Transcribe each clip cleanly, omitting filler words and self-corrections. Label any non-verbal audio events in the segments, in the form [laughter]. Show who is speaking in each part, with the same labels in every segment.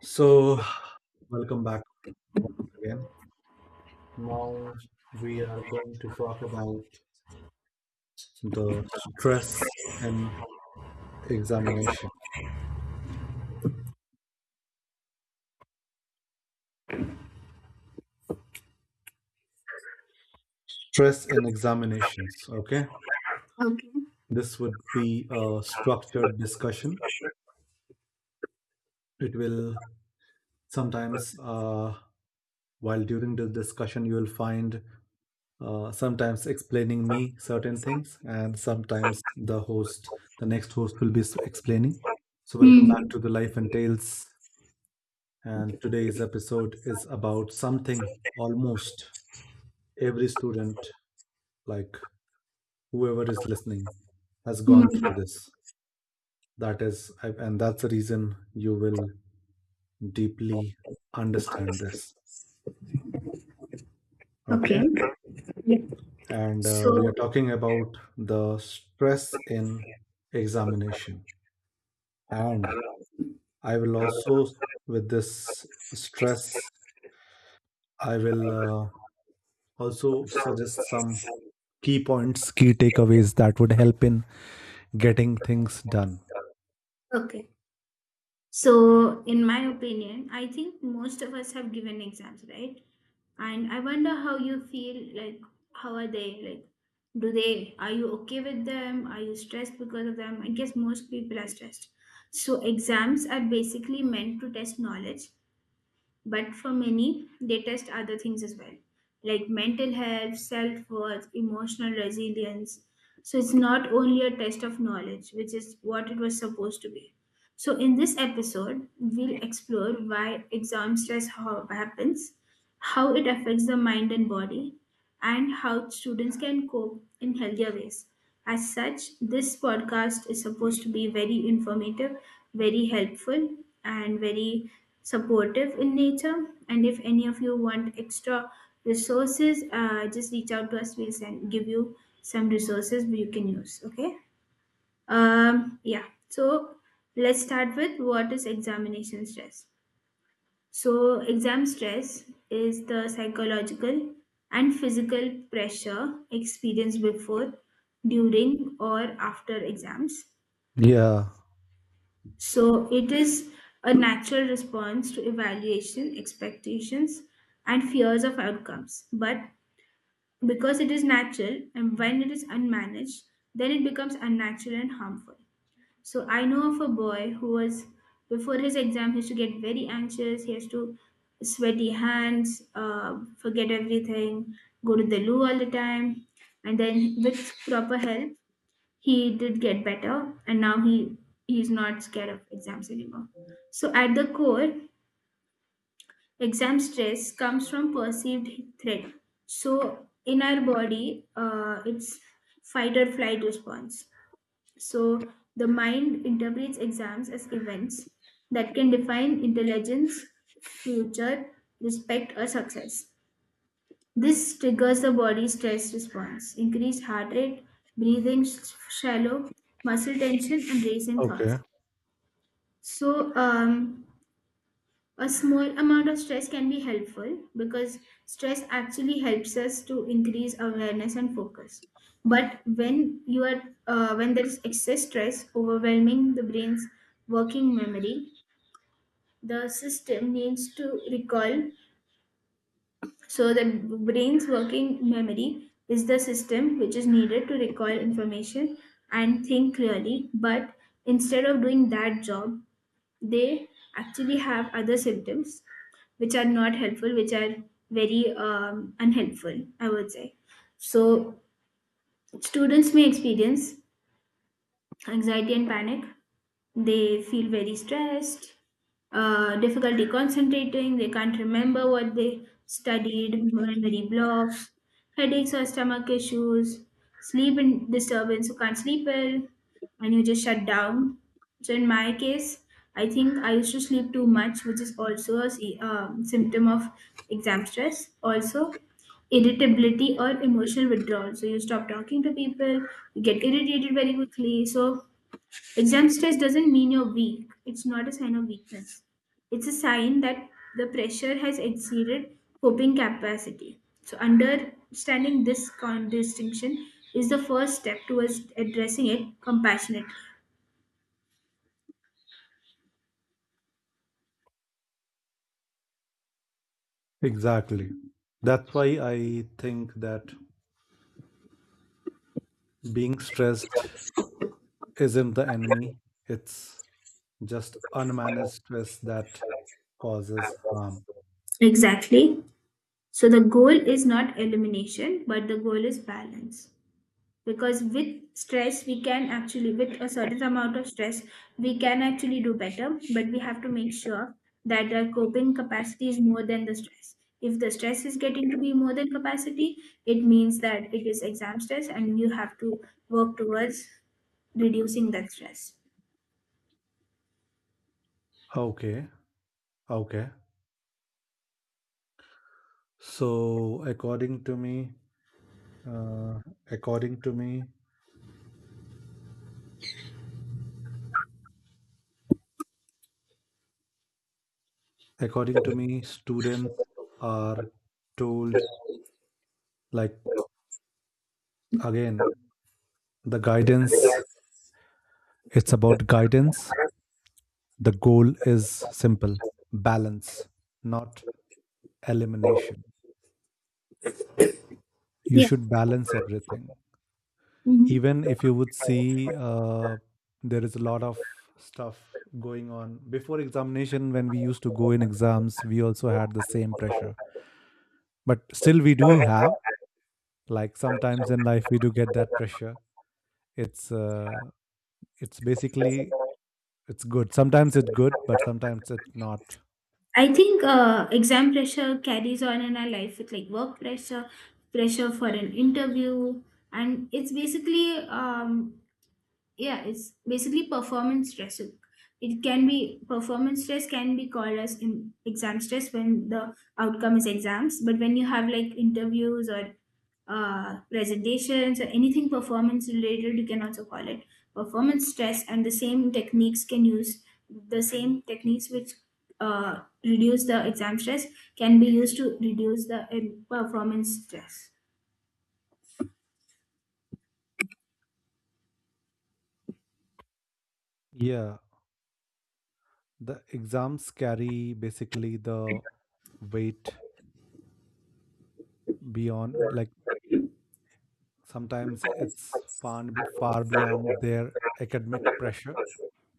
Speaker 1: So, welcome back once again. Now we are going to talk about the stress in examination. Stress in examinations, okay?
Speaker 2: Okay.
Speaker 1: This would be a structured discussion. It will sometimes, while during the discussion, you will find sometimes explaining me certain things, and sometimes the host, the next host, will be explaining. So, welcome back
Speaker 2: hmm
Speaker 1: to the Life and Tales, and today's episode is about something almost every student, like whoever is listening, has gone through
Speaker 2: hmm
Speaker 1: this. That is, and that's the reason you will deeply understand this. Okay.
Speaker 2: Okay.
Speaker 1: And we are
Speaker 2: So,
Speaker 1: talking about the stress in examination. And I will also, with this stress, I will also suggest some key points, key takeaways that would help in getting things done.
Speaker 2: okay. So, in my opinion, I think most of us have given exams, right? And I wonder how you feel, like, how are they? Like, are you okay with them? Are you stressed because of them? I guess most people are stressed. So, exams are basically meant to test knowledge, but for many, they test other things as well, like mental health, self worth, emotional resilience. So it's not only a test of knowledge, which is what it was supposed to be. So in this episode, we'll explore why exam stress happens, how it affects the mind and body, and how students can cope in healthier ways. As such, this podcast is supposed to be very informative, very helpful, and very supportive in nature. And if any of you want extra resources, just reach out to us. Give you some resources you can use. Okay. Yeah. So let's start with what is examination stress. So, exam stress is the psychological and physical pressure experienced before, during, or after exams.
Speaker 1: Yeah.
Speaker 2: So, it is a natural response to evaluation, expectations, and fears of outcomes. But because it is natural and when it is unmanaged, then it becomes unnatural and harmful. So I know of a boy who was before his exam he used to get very anxious. He has to sweaty hands, forget everything, go to the loo all the time, and then with proper help he did get better, and now he's not scared of exams anymore. So at the core, exam stress comes from perceived threat. So in our body, it's fight or flight response. So the mind interprets exams as events that can define intelligence, future, respect, or success. This triggers the body's stress response: increased heart rate, breathing shallow, muscle tension, and racing
Speaker 1: Okay.
Speaker 2: thoughts. So, a small amount of stress can be helpful because stress actually helps us to increase awareness and focus. But when you are when there is excess stress overwhelming the brain's working memory, the system needs to recall, so the brain's working memory is the system which is needed to recall information and think clearly. But instead of doing that job, they actually have other symptoms which are not helpful, which are very unhelpful, I would say. So, students may experience anxiety and panic, they feel very stressed, difficulty concentrating, they can't remember what they studied, memory blocks, headaches or stomach issues, sleep in disturbance, you can't sleep well and you just shut down. So in my case I think I used to sleep too much, which is also a symptom of exam stress. Also irritability or emotional withdrawal, so you stop talking to people, you get irritated very quickly. So exam stress doesn't mean you're weak. It's not a sign of weakness. It's a sign that the pressure has exceeded coping capacity. So, understanding this distinction is the first step towards addressing it compassionately.
Speaker 1: Exactly. That's why I think that being stressed isn't the enemy. It's just unmanaged stress that causes harm.
Speaker 2: Exactly. So, the goal is not elimination, but the goal is balance. Because with stress we can actually, with a certain amount of stress we can actually do better, but we have to make sure that our coping capacity is more than the stress. If the stress is getting to be more than capacity, it means that it is exam stress and you have to work towards reducing that stress.
Speaker 1: Okay. Okay. So according to me, uh, according to me, according to me, students are told, like, again the guidance. It's about guidance. The goal is simple: balance, not elimination. You
Speaker 2: Yeah.
Speaker 1: should balance everything.
Speaker 2: Hmm.
Speaker 1: Even if you would see, there is a lot of stuff going on before examination. When we used to go in exams, we also had the same pressure. But still, we do have, like sometimes in life, we do get that pressure. It's, uh, it's basically, it's good. Sometimes it's good, but sometimes it's not.
Speaker 2: I think exam pressure carries on in our life with like work pressure, pressure for an interview, and it's basically yeah, it's basically performance stress. So it can be, performance stress can be called as in exam stress when the outcome is exams, but when you have like interviews or presentations or anything performance related, you can also call it performance stress. And the same techniques can use, the same techniques which uh, reduce the exam stress can be used to reduce the performance stress.
Speaker 1: Yeah. The exams carry basically the weight beyond, like, sometimes it's far, far beyond their academic pressure.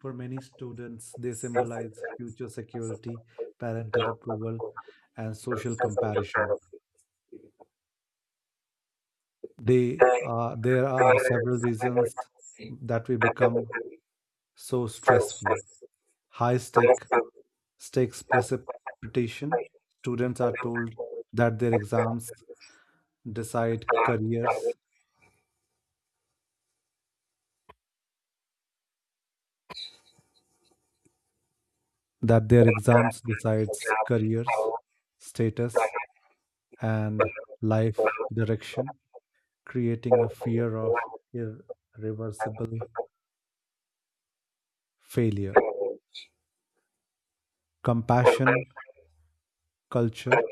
Speaker 1: For many students, they symbolize future security, parental approval, and social comparison. They there are several reasons that we become so stressful. High stake stakes precipitation: students are told that their exams decide careers, that their exams decides careers, status, and life direction, creating a fear of irreversible failure. Compassion culture: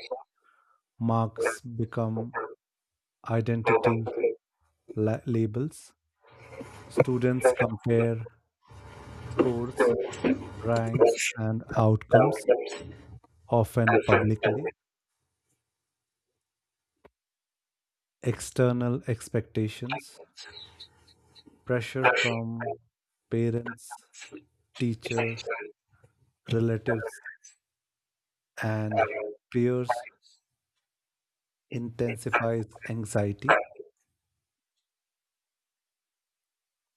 Speaker 1: marks become identity labels. Students compare scores, ranks and outcomes, often publicly. External expectations: pressure from parents, teachers, relatives, and peers intensifies anxiety.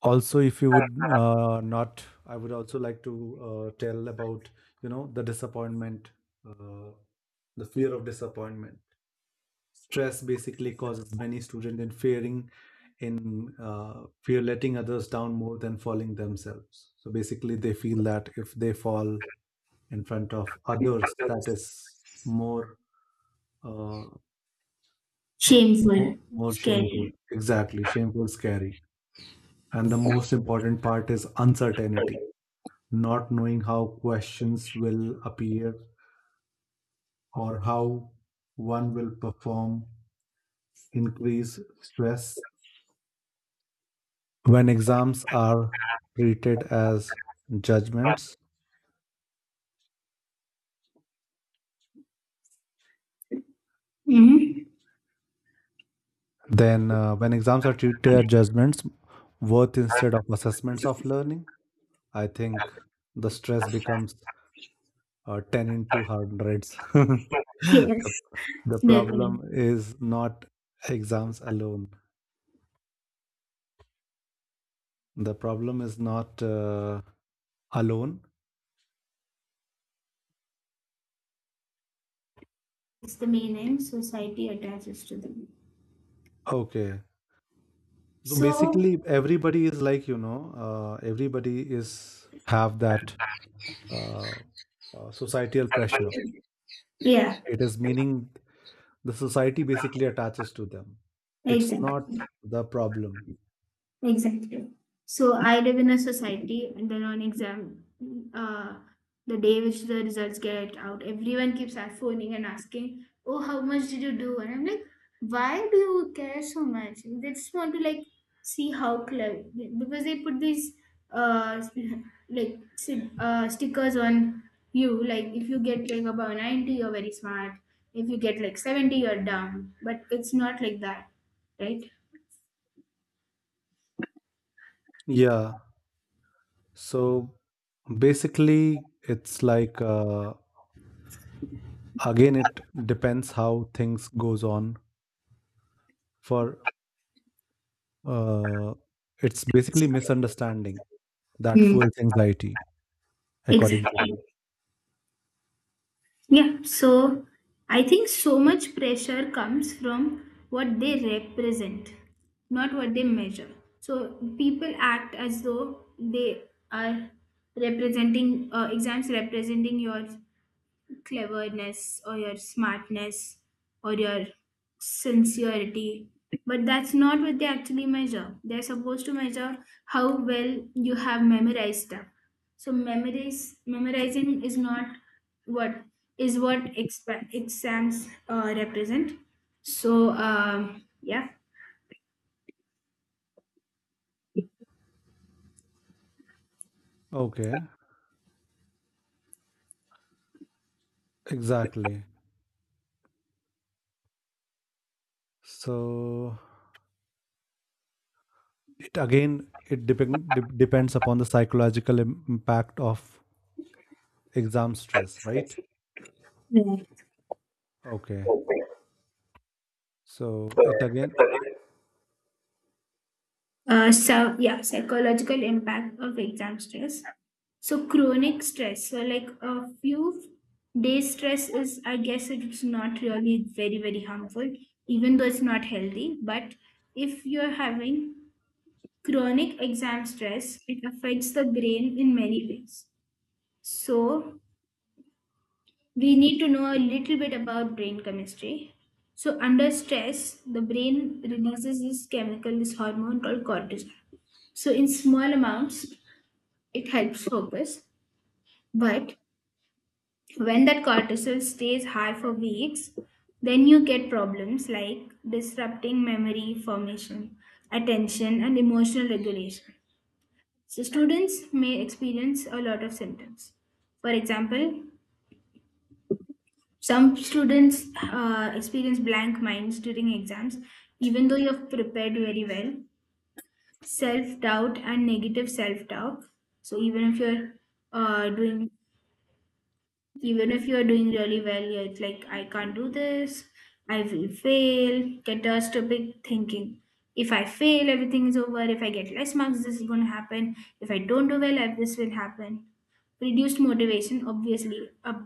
Speaker 1: Also, if you would not, I would also like to tell about, you know, the disappointment, uh, the fear of disappointment. Stress basically causes many students in fearing in fear letting others down more than falling themselves. So basically, they feel that if they fall in front of others, that is more. Uh, Uh, more,
Speaker 2: Shameful,
Speaker 1: more shameful.
Speaker 2: scary.
Speaker 1: Exactly. Shameful, scary. And the most important part is uncertainty, not knowing how questions will appear or how one will perform, increase stress. When exams are treated as judgments,
Speaker 2: Mm-hmm.
Speaker 1: then when exams are treated as judgments, worth instead of assessments of learning, I think the stress becomes 10 into hundreds. [laughs]
Speaker 2: Yes.
Speaker 1: the The problem
Speaker 2: Definitely.
Speaker 1: is not exams alone. The problem is not alone.
Speaker 2: It's the meaning society attaches to them.
Speaker 1: Okay. So
Speaker 2: So,
Speaker 1: basically, everybody is like, you know, everybody is have that uh, societal pressure.
Speaker 2: yeah,
Speaker 1: It is meaning the society basically attaches to them. It's
Speaker 2: exactly.
Speaker 1: not the problem.
Speaker 2: Exactly. So I live in a society, and then on exam, uh, the day which the results get out, everyone keeps phoning and asking, "Oh, how much did you do?" And I'm like, "Why do you care so much?" They just want to like see how clever, because they put these uh [laughs] like stickers on you. Like if you get like about 90, you're very smart. If you get like 70, you're dumb. But it's not like that, right?
Speaker 1: Yeah. So basically, it's like, again, it depends how things goes on. For Uh, it's basically misunderstanding that
Speaker 2: Hmm.
Speaker 1: fuels anxiety, according to
Speaker 2: Exactly.
Speaker 1: me.
Speaker 2: Yeah, so I think so much pressure comes from what they represent, not what they measure. So people act as though they are representing exams representing yours cleverness or your smartness or your sincerity, but that's not what they actually measure. They're supposed to measure how well you have memorized stuff. So memorize memorizing is not what is what exams represent. So yeah.
Speaker 1: Okay, exactly. So it again it depends upon the psychological impact of exam stress, right? Okay. So it again.
Speaker 2: So yeah, psychological impact of exam stress. So chronic stress. So like a few days stress is, I guess it's not really very very harmful, even though it's not healthy. But if you're having chronic exam stress, it affects the brain in many ways. So we need to know a little bit about brain chemistry. So, under stress, the brain releases this chemical, this hormone called cortisol. So, in small amounts, it helps focus. But when that cortisol stays high for weeks, then you get problems like disrupting memory formation, attention, and emotional regulation. So, students may experience a lot of symptoms. For example, some students experience blank minds during exams, even though you have prepared very well. Self doubt and negative self talk. So, even if you're doing even if you're doing really well, you're like I can't do this, I will fail. Catastrophic thinking. If I fail everything is over, if I get less marks this is going to happen, if I don't do well this will happen. Reduced motivation, obviously, up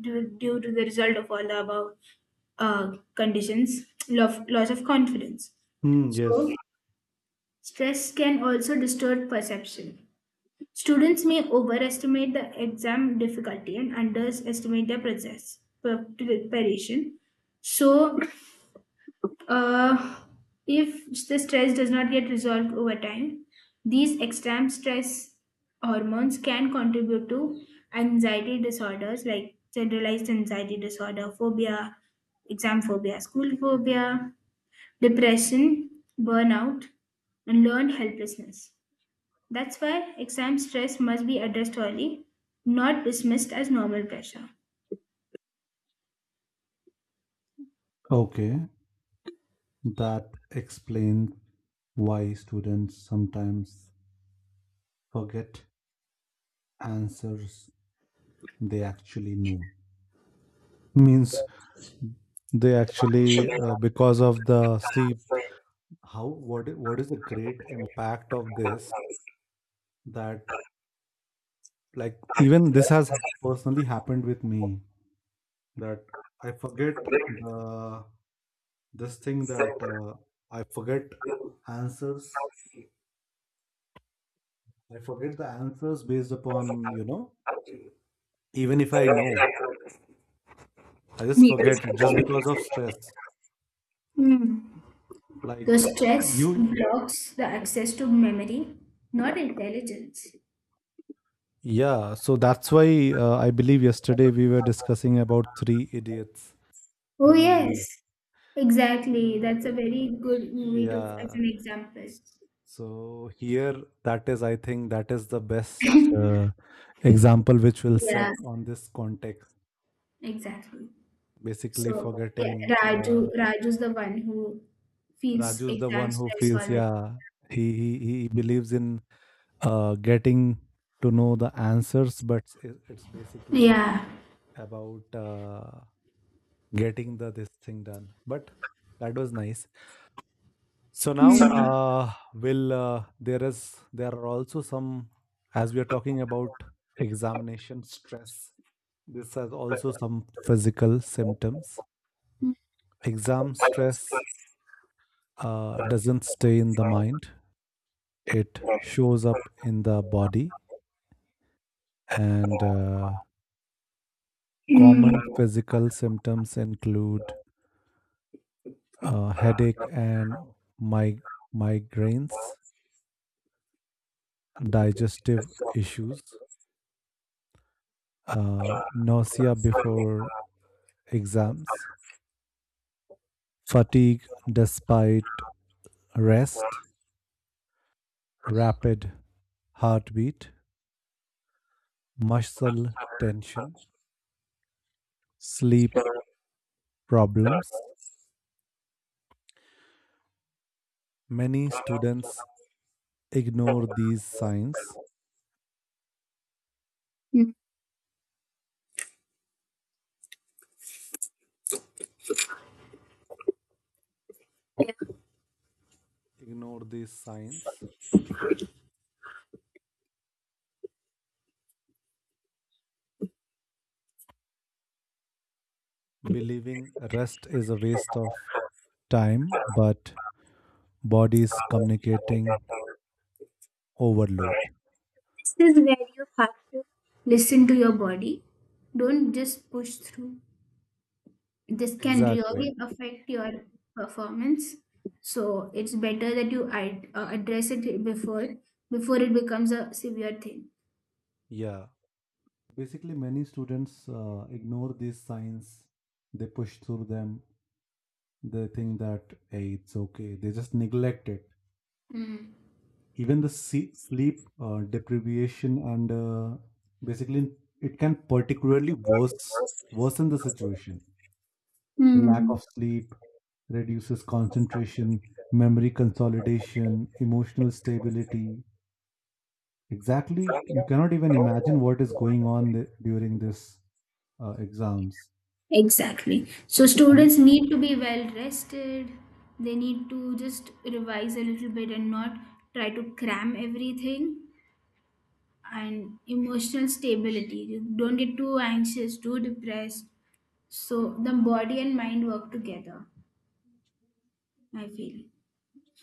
Speaker 2: due, to the result of all the above conditions. Loss of confidence.
Speaker 1: Hmm,
Speaker 2: So
Speaker 1: yes.
Speaker 2: stress can also distort perception. Students may overestimate the exam difficulty and underestimate their process preparation. So, uh, if the stress does not get resolved over time, these extreme stress hormones can contribute to anxiety disorders like generalized anxiety disorder, phobia, exam phobia, school phobia, depression, burnout, and learned helplessness. That's why exam stress must be addressed early, not dismissed as normal pressure.
Speaker 1: Okay, that explains why students sometimes forget answers they actually know. Means they actually, because of the see how what what is the great impact of this, that, like, even this has personally happened with me, that I forget the this thing that I forget answers. I forget the answers based upon, you know, even if I know, I just forget it just
Speaker 2: Hmm.
Speaker 1: because of stress.
Speaker 2: The
Speaker 1: Like
Speaker 2: stress
Speaker 1: you,
Speaker 2: blocks the access to memory, not intelligence.
Speaker 1: yeah. So that's why I believe yesterday we were discussing about Three Idiots,
Speaker 2: Oh,
Speaker 1: the movie.
Speaker 2: yes, exactly.
Speaker 1: Uh,
Speaker 2: That's a very
Speaker 1: uh,
Speaker 2: good movie to
Speaker 1: yeah.
Speaker 2: as an example.
Speaker 1: S- So here, that is, I think, that is the best uh, example which will set
Speaker 2: Yeah,
Speaker 1: on this context.
Speaker 2: exactly.
Speaker 1: Basically,
Speaker 2: So, yeah,
Speaker 1: forgetting
Speaker 2: Raju's the one who feels
Speaker 1: Raju is the
Speaker 2: exam
Speaker 1: one who
Speaker 2: stress all
Speaker 1: feels,
Speaker 2: the time.
Speaker 1: yeah, he believes in getting to know the answers, but it's basically
Speaker 2: Yeah.
Speaker 1: about getting the this thing done. But that was nice. So now,
Speaker 2: Hmm.
Speaker 1: will there is there are also some, as we are talking about examination stress. This has also some physical symptoms. Exam stress doesn't stay in the mind; it shows up in the body. And common physical symptoms include headache and mig- migraines, digestive issues, nausea before exams, fatigue despite rest, rapid heartbeat, muscle tension, sleep problems. Many students ignore these signs,
Speaker 2: Hmm.
Speaker 1: ignore these signs, believing rest is a waste of time, but bodies communicating overload.
Speaker 2: This is where you have to listen to your body. Don't just push through. This can
Speaker 1: Exactly.
Speaker 2: really affect your performance. So it's better that you address it before it becomes a severe thing.
Speaker 1: Yeah. Basically, many students ignore these signs, they push through them. They think that, hey, it's okay. They just neglect it.
Speaker 2: Mm.
Speaker 1: Even the sleep deprivation and basically it can particularly worsen the situation. The lack of sleep reduces concentration, memory consolidation, emotional stability. Exactly, you cannot even imagine what is going on during this exams.
Speaker 2: Exactly. So
Speaker 1: And
Speaker 2: students need to be well rested. They need to just revise a little bit and not try to cram everything. And emotional stability. You don't get too anxious, too depressed. So the body and mind work together, I feel.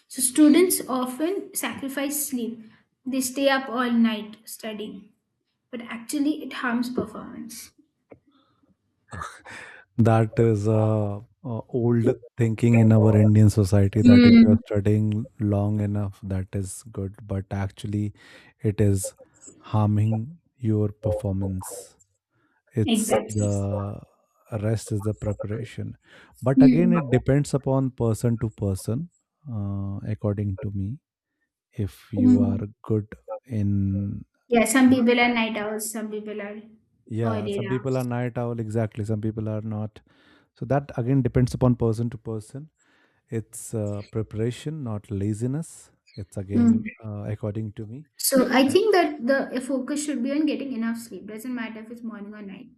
Speaker 2: So students often sacrifice sleep. They stay up all night studying, but actually it harms performance.
Speaker 1: that is old thinking in our Indian society that if you
Speaker 2: Hmm.
Speaker 1: are studying long enough, that is good, but actually, it is harming your performance. It's
Speaker 2: Exactly.
Speaker 1: the rest is the preparation, but again,
Speaker 2: Hmm.
Speaker 1: it depends upon person to person. According to me, if you are
Speaker 2: Hmm.
Speaker 1: good in,
Speaker 2: Yeah, some people are night owls, some people are
Speaker 1: yeah,
Speaker 2: early
Speaker 1: some people are
Speaker 2: owls.
Speaker 1: night owl, exactly, some people are not. So that again depends upon person to person. It's preparation, not laziness. It's
Speaker 2: Hmm.
Speaker 1: again, according to me.
Speaker 2: So I
Speaker 1: Uh,
Speaker 2: think that the focus should be on getting enough sleep. Doesn't matter if it's morning or night.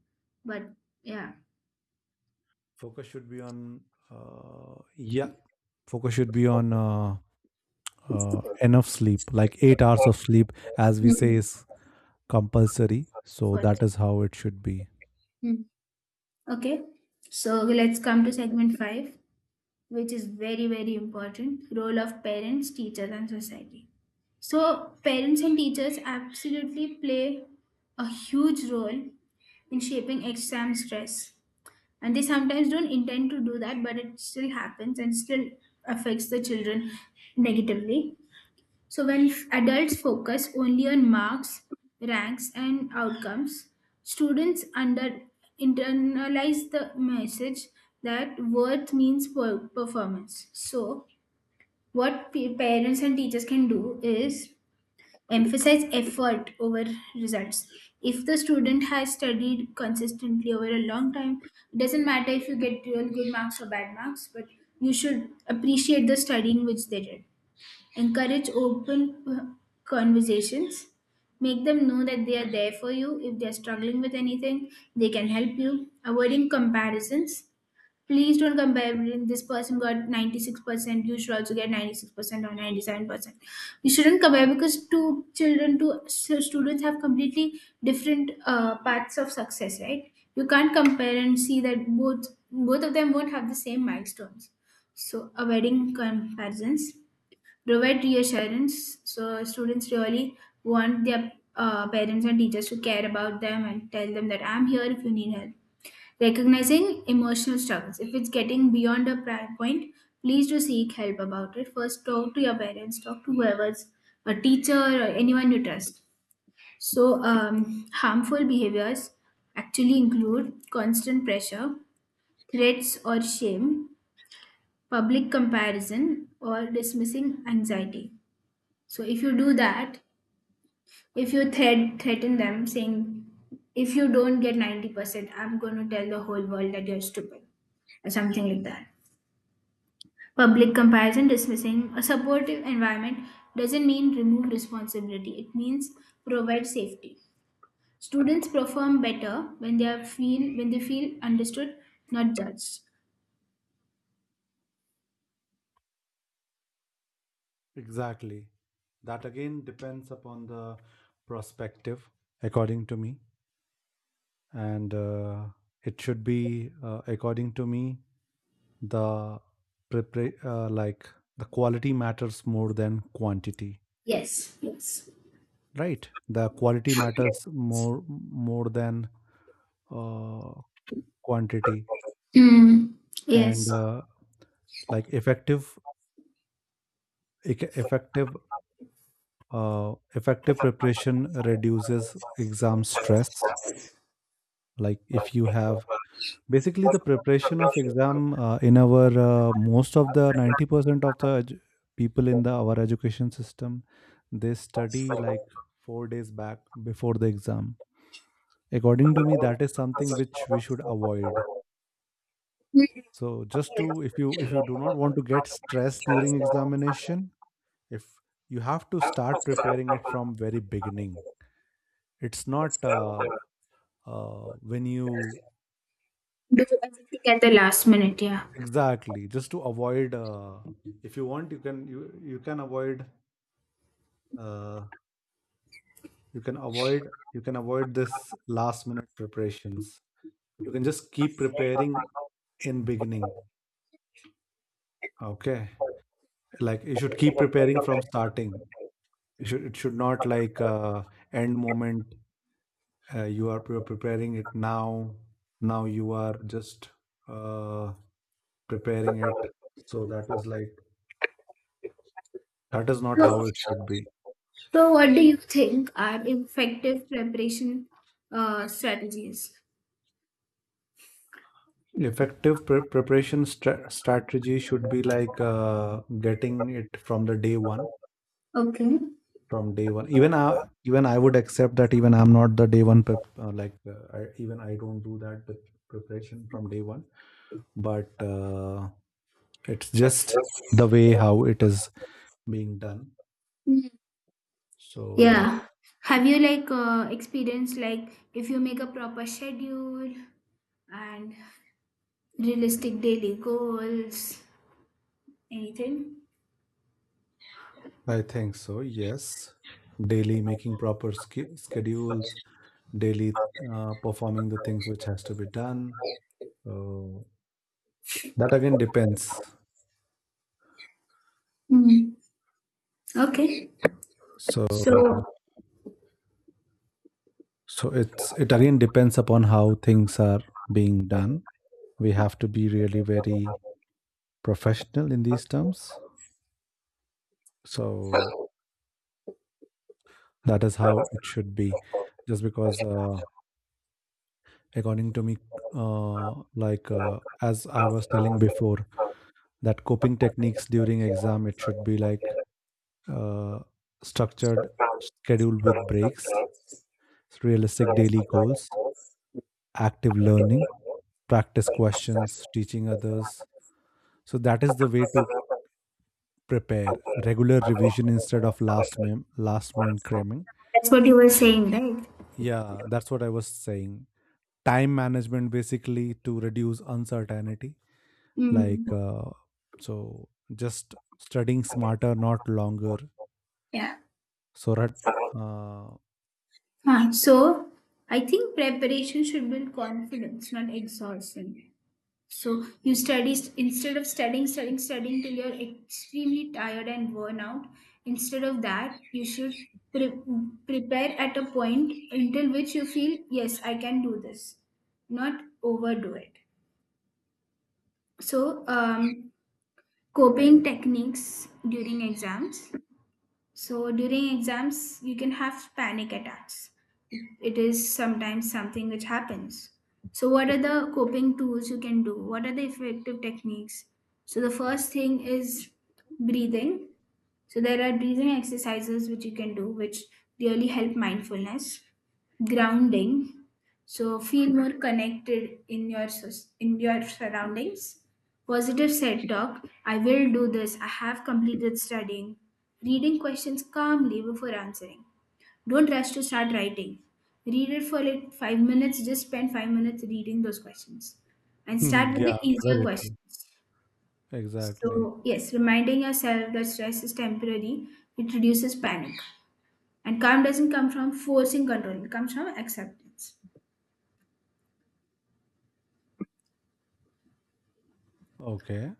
Speaker 2: But yeah.
Speaker 1: Focus should be on yeah. Focus should be on enough sleep, like 8 hours of sleep, as we
Speaker 2: Hmm.
Speaker 1: say is compulsory. So
Speaker 2: For.
Speaker 1: that is how it should be.
Speaker 2: Hmm. Okay. So let's come to segment five, which is very very important: role of parents, teachers and society. So parents and teachers absolutely play a huge role in shaping exam stress, and they sometimes don't intend to do that, but it still happens and still affects the children negatively. So when adults focus only on marks, ranks, and outcomes, students under internalize the message that worth means performance. So what parents and teachers can do is emphasize effort over results. If the student has studied consistently over a long time, it doesn't matter if you get real good marks or bad marks, but you should appreciate the studying which they did. Encourage open conversations. Make them know that they are there for you. If they're struggling with anything, they can help you. Avoiding comparisons. Please don't compare, "Well, this person got 96%, you should also get 96% or 97%." You shouldn't compare because two children, two students have completely different paths of success, right? You can't compare and see that both of them won't have the same milestones. So avoiding comparisons, provide reassurance. So students really want their parents and teachers to care about them and tell them that I'm here if you need help. Recognizing emotional struggles. If it's getting beyond a prior point, please do seek help about it. First, talk to your parents, talk to whoever's a teacher or anyone you trust. So, harmful behaviors actually include constant pressure, threats or shame, public comparison, or dismissing anxiety. So if you do that, if you threaten them saying, if you don't get 90%, I'm going to tell the whole world that you're stupid or something like that. Public comparison, dismissing. A supportive environment doesn't mean remove responsibility. It means provide safety. Students perform better when they feel understood, not judged.
Speaker 1: Exactly. That again depends upon the prospective, according to me. And it should be, according to me, the prepare like the quality matters more than quantity,
Speaker 2: Yes, yes.
Speaker 1: right, the quality matters more than uh, quantity.
Speaker 2: Mm,
Speaker 1: And
Speaker 2: yes.
Speaker 1: like effective effective effective preparation reduces exam stress, like if you have basically, the preparation of exam in our most of the 90% of the people in the our education system, they study like 4 days back before the exam. According to me, that is something which we should avoid. So just to, if you, if you do not want to get stressed during examination, if you have to start preparing it from very beginning. It's not uh, when you,
Speaker 2: Do everything at the last minute, yeah.
Speaker 1: exactly, just to avoid, if you want you can you can avoid uh, you can avoid, you can avoid this last minute preparations. You can just keep preparing in beginning, okay, like you should keep preparing from starting. You should, it should not like end moment you are preparing it now. Now you are just uh, preparing it. So that is like that is not how it should be.
Speaker 2: So, what do you think are effective preparation strategies?
Speaker 1: Effective preparation strategy should be like getting it from the day one.
Speaker 2: Okay.
Speaker 1: From day one, even I would accept that even I'm not the day one prep. Even I don't do that preparation from day one. But it's just the way how it is being done.
Speaker 2: Mm.
Speaker 1: So
Speaker 2: Yeah. Have you like experienced like if you make a proper schedule and realistic daily goals, anything?
Speaker 1: I think so. Yes, daily making proper schedules, daily performing the things which has to be done. So that again depends.
Speaker 2: Mm. Okay.
Speaker 1: so
Speaker 2: So
Speaker 1: so it's it again depends upon how things are being done. We have to be really very professional in these terms. So that is how it should be. Just because, according to me, uh, as I was telling before, that coping techniques during exam it should be like uh, structured, scheduled with breaks, realistic daily goals, active learning, practice questions, teaching others. So that is the way to prepare regular revision instead of last minute cramming.
Speaker 2: that's what you were saying, right?
Speaker 1: Yeah, that's what I was saying. Time management basically to reduce uncertainty.
Speaker 2: Mm.
Speaker 1: Like so, just studying smarter, not longer.
Speaker 2: Yeah.
Speaker 1: So that uh,
Speaker 2: Huh. So I think preparation should build confidence, not exhaustion. So you study, instead of studying, studying, studying till you're extremely tired and worn out. Instead of that, you should pre- prepare at a point until which you feel, yes, I can do this, not overdo it. So, coping techniques during exams. So during exams, you can have panic attacks. It is sometimes something which happens. So, what are the coping tools you can do? What are the effective techniques? So, the first thing is breathing. So, there are breathing exercises which you can do, which really help. Mindfulness. Grounding. So, feel more connected in your in your surroundings. Positive self talk. I will do this, I have completed studying. Reading questions calmly before answering. Don't rush to start writing. Read it for like 5 minutes, just spend 5 minutes reading those questions. And
Speaker 1: [laughs]
Speaker 2: start with the
Speaker 1: yeah,
Speaker 2: easier
Speaker 1: very true.
Speaker 2: questions.
Speaker 1: Exactly.
Speaker 2: So, yes, reminding yourself that stress is temporary, it reduces panic. And calm doesn't come from forcing control, it comes from acceptance.
Speaker 1: Okay.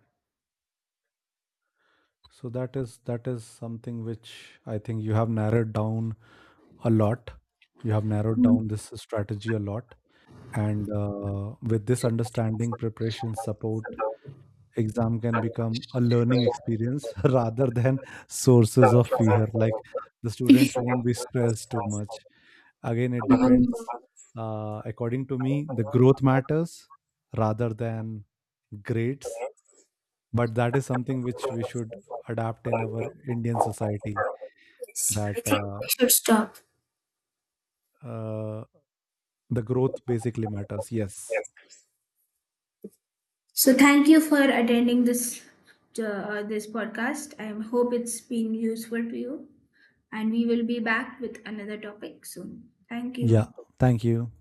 Speaker 1: So that is, that is something which I think you have narrowed down a lot. You have narrowed down this strategy a lot. And with this understanding, preparation, support, exam can become a learning experience [laughs] rather than sources of fear. Like the students won't be stressed too much. Again, it depends. According to me, the growth matters rather than grades. But that is something which we should adapt in our Indian society, that
Speaker 2: Should.
Speaker 1: uh, the growth basically matters. Yes.
Speaker 2: So thank you for attending this this podcast. I hope it's been useful to you, and we will be back with another topic soon. Thank
Speaker 1: Yeah.
Speaker 2: you.
Speaker 1: Thank you.